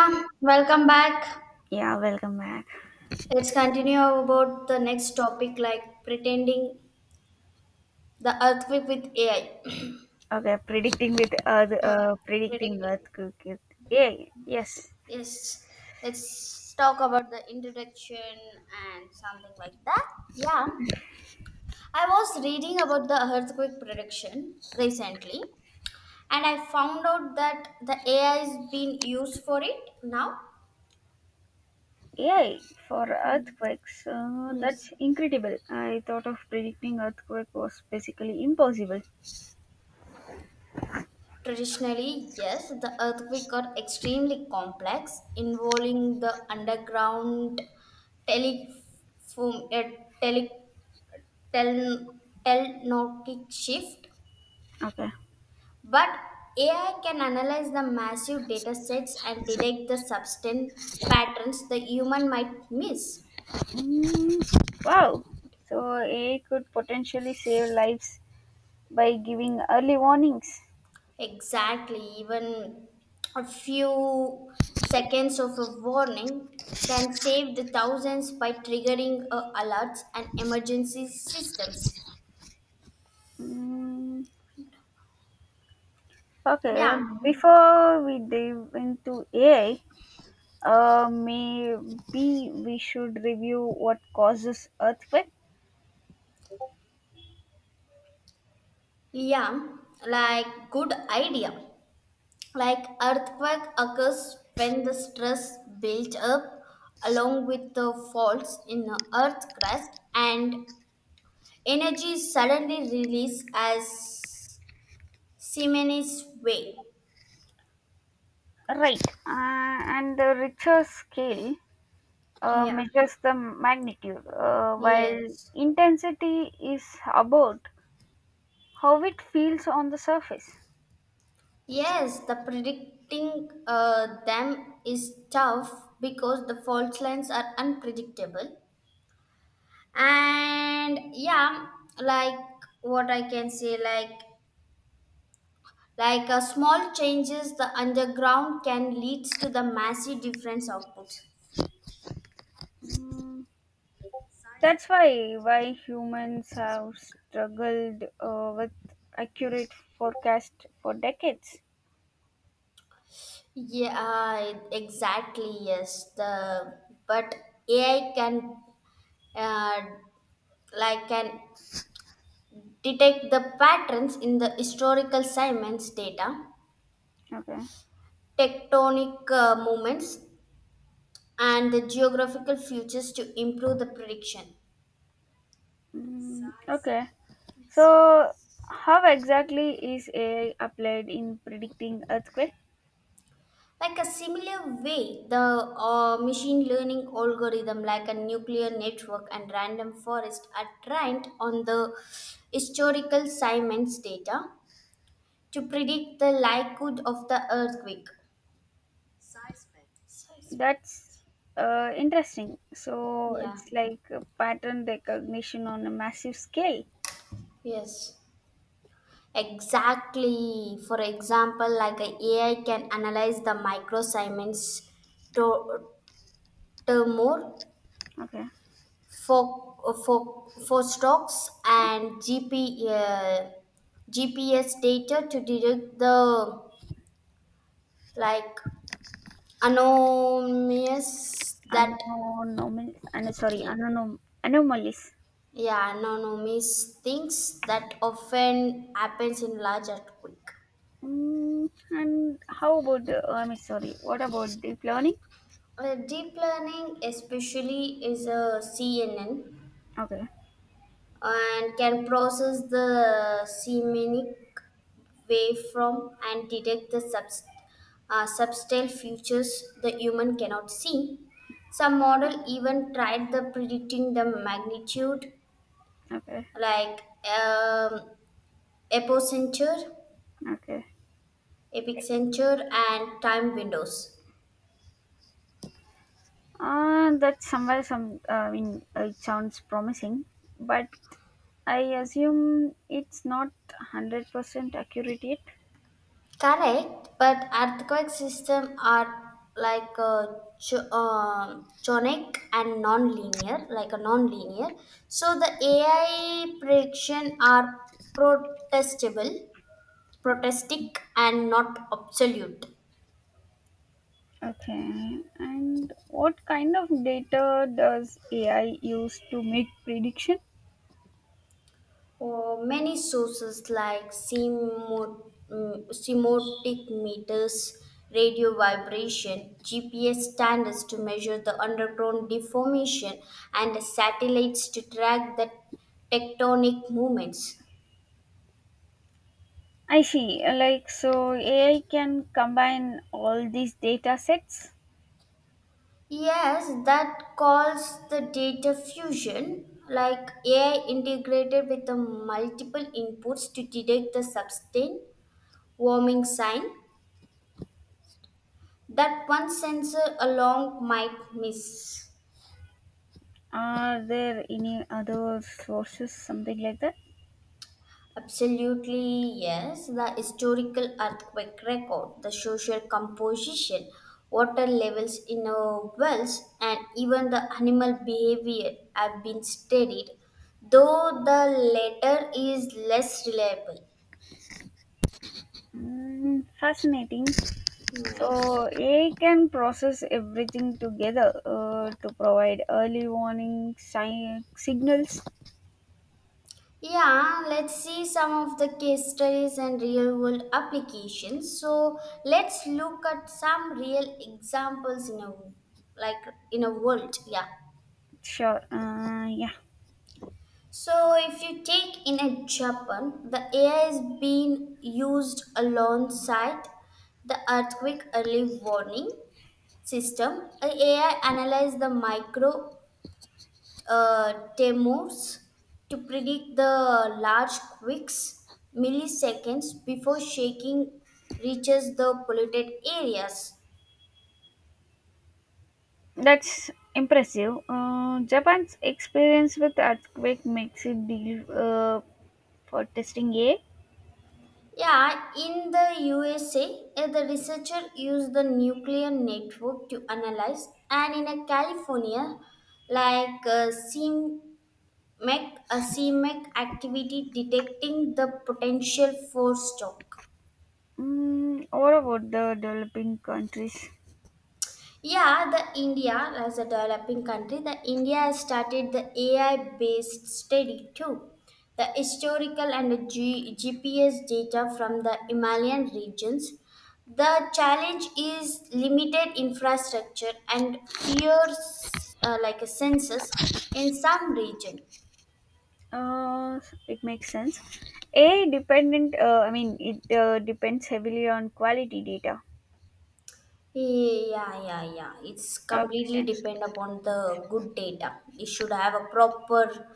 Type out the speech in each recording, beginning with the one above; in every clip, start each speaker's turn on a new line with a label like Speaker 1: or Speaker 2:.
Speaker 1: Yeah, welcome back.
Speaker 2: Yeah, welcome back.
Speaker 1: Let's continue about the next topic, like pretending the earthquake with AI.
Speaker 2: Okay, predicting with earth,
Speaker 1: Uh,
Speaker 2: predicting
Speaker 1: Predicting.
Speaker 2: earthquake. Yeah, yes.
Speaker 1: Yes, let's talk about the introduction and something like that. Yeah, I was reading about the earthquake prediction recently and I found out that the AI is being used for it now.
Speaker 2: Yeah, for earthquakes,
Speaker 1: Yes.
Speaker 2: that's incredible. I thought of predicting earthquake was basically impossible.
Speaker 1: Traditionally, yes, the earthquake are extremely complex, involving the underground telephone, tele, tel, telnotic shift.
Speaker 2: Okay.
Speaker 1: But AI can analyze the massive data sets and detect the substance patterns the human might miss.
Speaker 2: Mm, wow. So AI could potentially save lives by giving early warnings.
Speaker 1: Exactly, even a few seconds of a warning can save the thousands by triggering alerts and emergency systems.
Speaker 2: Mm, okay.
Speaker 1: Yeah,
Speaker 2: Before we dive into AI, maybe we should review what causes earthquake.
Speaker 1: yeah, like good idea. Like earthquake occurs when the stress builds up along with the faults in the earth crust and energy is suddenly released as Siemens wave.
Speaker 2: Right, and the richer scale
Speaker 1: Yeah.
Speaker 2: measures the magnitude, while
Speaker 1: Yes.
Speaker 2: intensity is about how it feels on the surface.
Speaker 1: Yes, the predicting them is tough because the fault lines are unpredictable. And yeah, like what I can say, like a small changes the underground can leads to the massive difference outputs.
Speaker 2: Mm, that's why humans have struggled with accurate forecast for decades.
Speaker 1: Yeah, exactly. Yes, the but AI uh, can detect the patterns in the historical Siemens data,
Speaker 2: Okay.
Speaker 1: tectonic movements and the geographical futures to improve the prediction.
Speaker 2: Mm, okay. So, how exactly is AI applied in predicting earthquake?
Speaker 1: Like a similar way, the machine learning algorithm, like a nuclear network and random forest, are trained on the historical Siemens data to predict the likelihood of the earthquake.
Speaker 2: That's interesting. So,
Speaker 1: Yeah.
Speaker 2: it's like a pattern recognition on a massive scale.
Speaker 1: Yes, exactly. For example, like a AI can analyze the micro Siemens to- tremor
Speaker 2: Okay.
Speaker 1: For for stocks and GPS data to detect the like anomalies that,
Speaker 2: Anomaly, and sorry, anomalies.
Speaker 1: yeah, anomalies things that often happens in large earthquake.
Speaker 2: Mm, and how about the? I mean, sorry. What about deep learning?
Speaker 1: Deep learning especially is a CNN
Speaker 2: Okay.
Speaker 1: and can process the semantic way from and detect the subtle futures the human cannot see. Some model even tried the predicting the magnitude
Speaker 2: Okay.
Speaker 1: like um, epicenter,
Speaker 2: Okay.
Speaker 1: epicenter and time windows.
Speaker 2: That's somewhere some I mean It sounds promising, but I assume it's not 100% accurate yet.
Speaker 1: Correct, but earthquake system are like chonic and non-linear, like a non-linear. So the AI prediction are protestable
Speaker 2: Mm,
Speaker 1: protestic and not absolute.
Speaker 2: okay, and what kind of data does AI use to make prediction?
Speaker 1: Many sources like semotic meters, radio vibration, GPS standards to measure the underground deformation, and satellites to track the tectonic movements.
Speaker 2: I see. Like so, AI can combine all these data sets.
Speaker 1: Yes, that calls the data fusion, like AI integrated with the multiple inputs to detect the sustained warming sign that one sensor alone might miss.
Speaker 2: Are there any other sources, something like that?
Speaker 1: Absolutely, yes. The historical earthquake record, the social composition, water levels in our wells, and even the animal behavior have been studied, though the latter is less reliable.
Speaker 2: Mm, fascinating.
Speaker 1: Hmm.
Speaker 2: So AI can process everything together to provide early warning signals.
Speaker 1: Yeah, let's see some of the case studies and real world applications. So let's look at some real examples in a, like, in a world. Yeah.
Speaker 2: Sure. Yeah,
Speaker 1: So if you take in a Japan, the AI is being used alongside the earthquake early warning system. A AI analyzes the micro Temurs to predict the large quakes milliseconds before shaking reaches the polluted areas.
Speaker 2: that's impressive. Japan's experience with earthquake makes it deal for testing AI.
Speaker 1: Yeah, in the USA, the researcher used the nuclear network to analyze, and in a California, like CMEC, a CMEC activity detecting the potential for stroke.
Speaker 2: Mm, what about the developing countries?
Speaker 1: Yeah, the India as a developing country, the India has started the AI-based study too. The historical and GPS data from the Himalayan regions. The challenge is limited infrastructure and fears like a census in some region.
Speaker 2: Uh, it makes sense. AI dependent. Uh, I mean, it uh, depends heavily on quality data.
Speaker 1: Yeah, yeah, yeah. It's
Speaker 2: Okay.
Speaker 1: completely depend upon the good data. It should have a proper,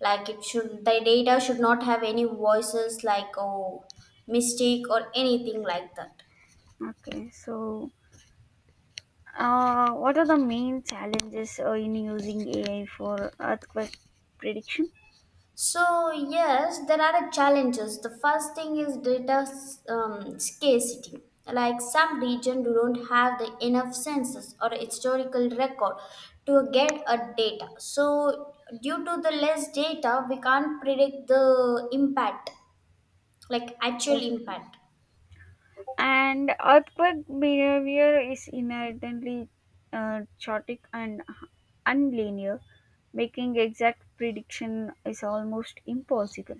Speaker 1: like it should, the data should not have any voices like, oh, mistake or anything like that.
Speaker 2: Okay. So, what are the main challenges in using AI for earthquake prediction?
Speaker 1: So, yes, there are challenges. The first thing is data scarcity. Like some region do not have the enough census or historical record to get a data. So, due to the less data, we can't predict the impact, like actual
Speaker 2: Okay.
Speaker 1: impact.
Speaker 2: And earthquake behavior is inherently chaotic and unlinear, making exact prediction is almost impossible.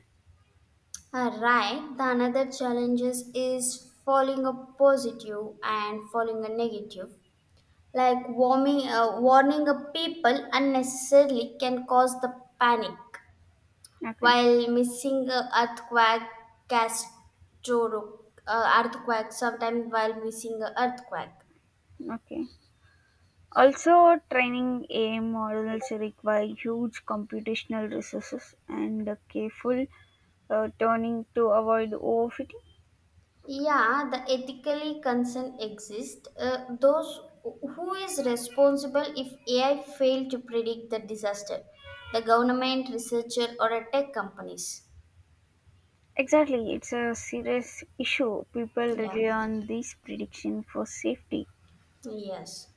Speaker 1: Right. The another challenges is falling a positive and falling a negative. Like warning a people unnecessarily can cause the panic,
Speaker 2: Okay,
Speaker 1: while missing a earthquake, catastrophe, earthquake sometimes while missing a earthquake.
Speaker 2: okay. Also, training AI models require huge computational resources and careful turning to avoid overfitting.
Speaker 1: Yeah, the ethically concern exists. Those who is responsible if AI fail to predict the disaster, the government, researcher, or a tech companies.
Speaker 2: Exactly, it's a serious issue. People
Speaker 1: Yeah.
Speaker 2: rely on these prediction for safety.
Speaker 1: Yes.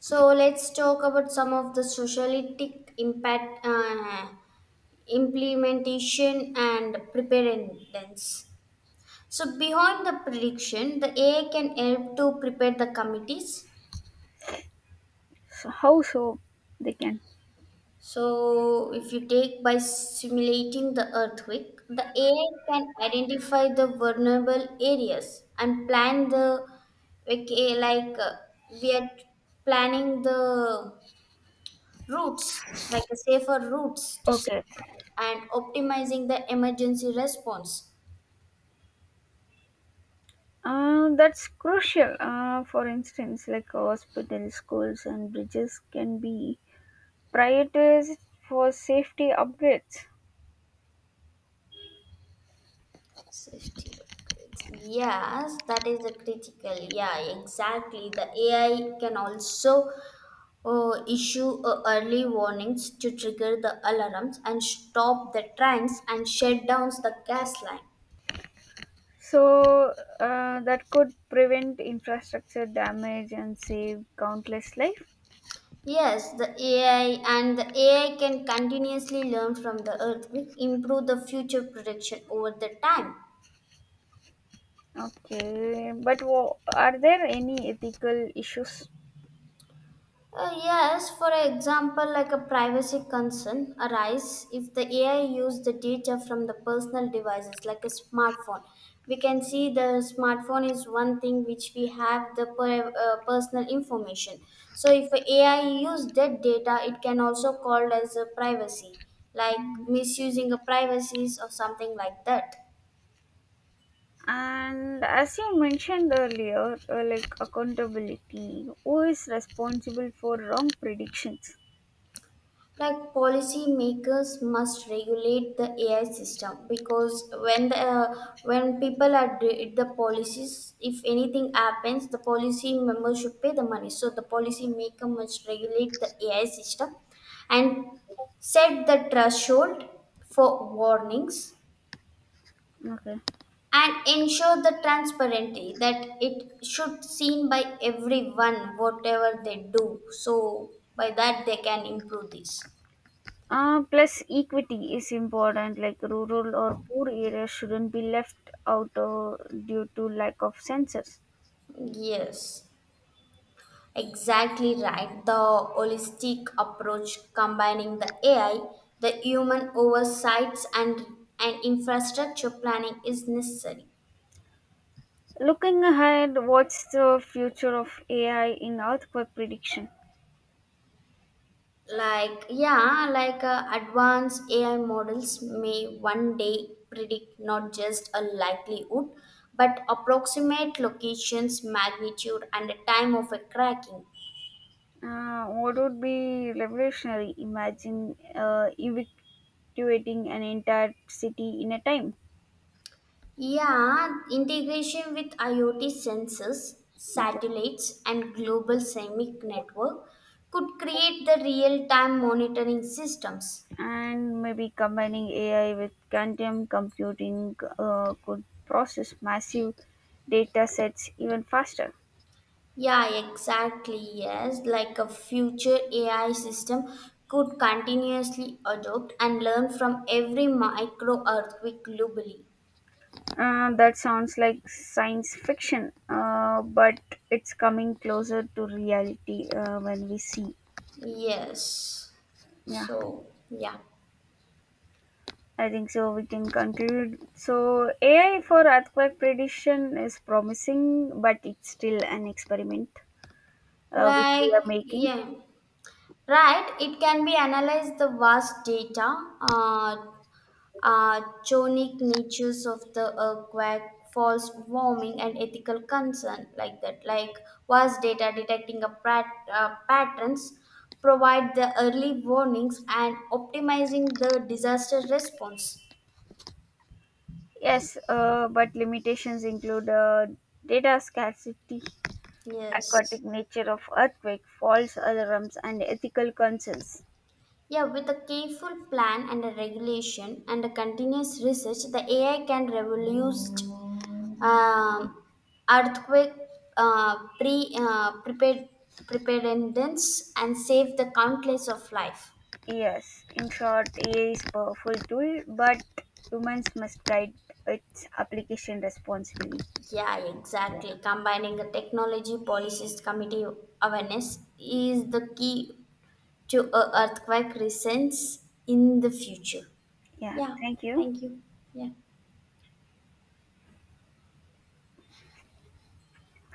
Speaker 1: So let's talk about some of the socialistic impact, implementation and preparedness. So behind the prediction, the AI can help to prepare the committees.
Speaker 2: So how so they can?
Speaker 1: So if you take by simulating the earthquake, the AI can identify the vulnerable areas and plan the okay, like we are planning the routes, like a safer routes to save
Speaker 2: Okay,
Speaker 1: that, and optimizing the emergency response.
Speaker 2: that's crucial. For instance, like hospitals, schools, and bridges can be prioritized for safety upgrades.
Speaker 1: Safety upgrades. Yes, that is the critical. Yeah, exactly. The AI can also issue early warnings to trigger the alarms and stop the trains and shut down the gas line.
Speaker 2: So that could prevent infrastructure damage and save countless life.
Speaker 1: Yes, the AI can continuously learn from the earthquake, improve the future prediction over the time.
Speaker 2: Okay, but are there any ethical issues?
Speaker 1: Yes, for example, like a privacy concern arise if the AI use the data from the personal devices like a smartphone. We can see the smartphone is one thing which we have the personal information. So if a AI use that data, it can also called as a privacy, like misusing a privacies or something like that.
Speaker 2: And as you mentioned earlier, like accountability, who is responsible for wrong predictions?
Speaker 1: Like policy makers must regulate the AI system because when the when people are did the policies, if anything happens, the policy member should pay the money. So the policy maker must regulate the AI system and set the threshold for warnings
Speaker 2: Okay.
Speaker 1: and ensure the transparency that it should seen by everyone whatever they do. So by that they can improve this.
Speaker 2: Plus, equity is important, like rural or poor areas shouldn't be left out due to lack of sensors.
Speaker 1: Yes. Exactly right. The holistic approach combining the AI, the human oversights and infrastructure planning is necessary.
Speaker 2: Looking ahead, what's the future of AI in earthquake prediction?
Speaker 1: Like yeah, like advanced AI models may one day predict not just a likelihood but approximate locations, magnitude and the time of a cracking.
Speaker 2: What would be revolutionary? Imagine evacuating an entire city in a time.
Speaker 1: Yeah, integration with IoT sensors, satellites, and global semic network could create the real-time monitoring systems.
Speaker 2: And maybe combining AI with quantum computing could process massive data sets even faster.
Speaker 1: Yeah, exactly. Yes, like a future AI system could continuously adopt and learn from every micro earthquake globally.
Speaker 2: That sounds like science fiction, but it's coming closer to reality when we see.
Speaker 1: Yes.
Speaker 2: Yeah,
Speaker 1: So, yeah.
Speaker 2: I think so. We can conclude. So, AI for earthquake prediction is promising, but it's still an experiment which we
Speaker 1: Like,
Speaker 2: are making.
Speaker 1: yeah. Right, it can be analyzed the vast data chonic natures of the earthquake, false warming, and ethical concern like that, like vast data detecting a patterns, provide the early warnings and optimizing the disaster response.
Speaker 2: Yes, but limitations include data scarcity,
Speaker 1: Yes.
Speaker 2: aquatic nature of earthquake, false alarms, and ethical concerns.
Speaker 1: Yeah, with a careful plan and a regulation and a continuous research, the AI can revolutionize um, earthquake uh, pre uh, prepared preparedness and save the countless of life.
Speaker 2: Yes, in short, AI is powerful tool, but humans must guide its application responsibly.
Speaker 1: Yeah,
Speaker 2: Yeah,
Speaker 1: exactly. Combining the technology policies committee awareness is the key to a earthquake resistance in the future.
Speaker 2: yeah.
Speaker 1: Yeah,
Speaker 2: Thank you.
Speaker 1: thank you. Yeah.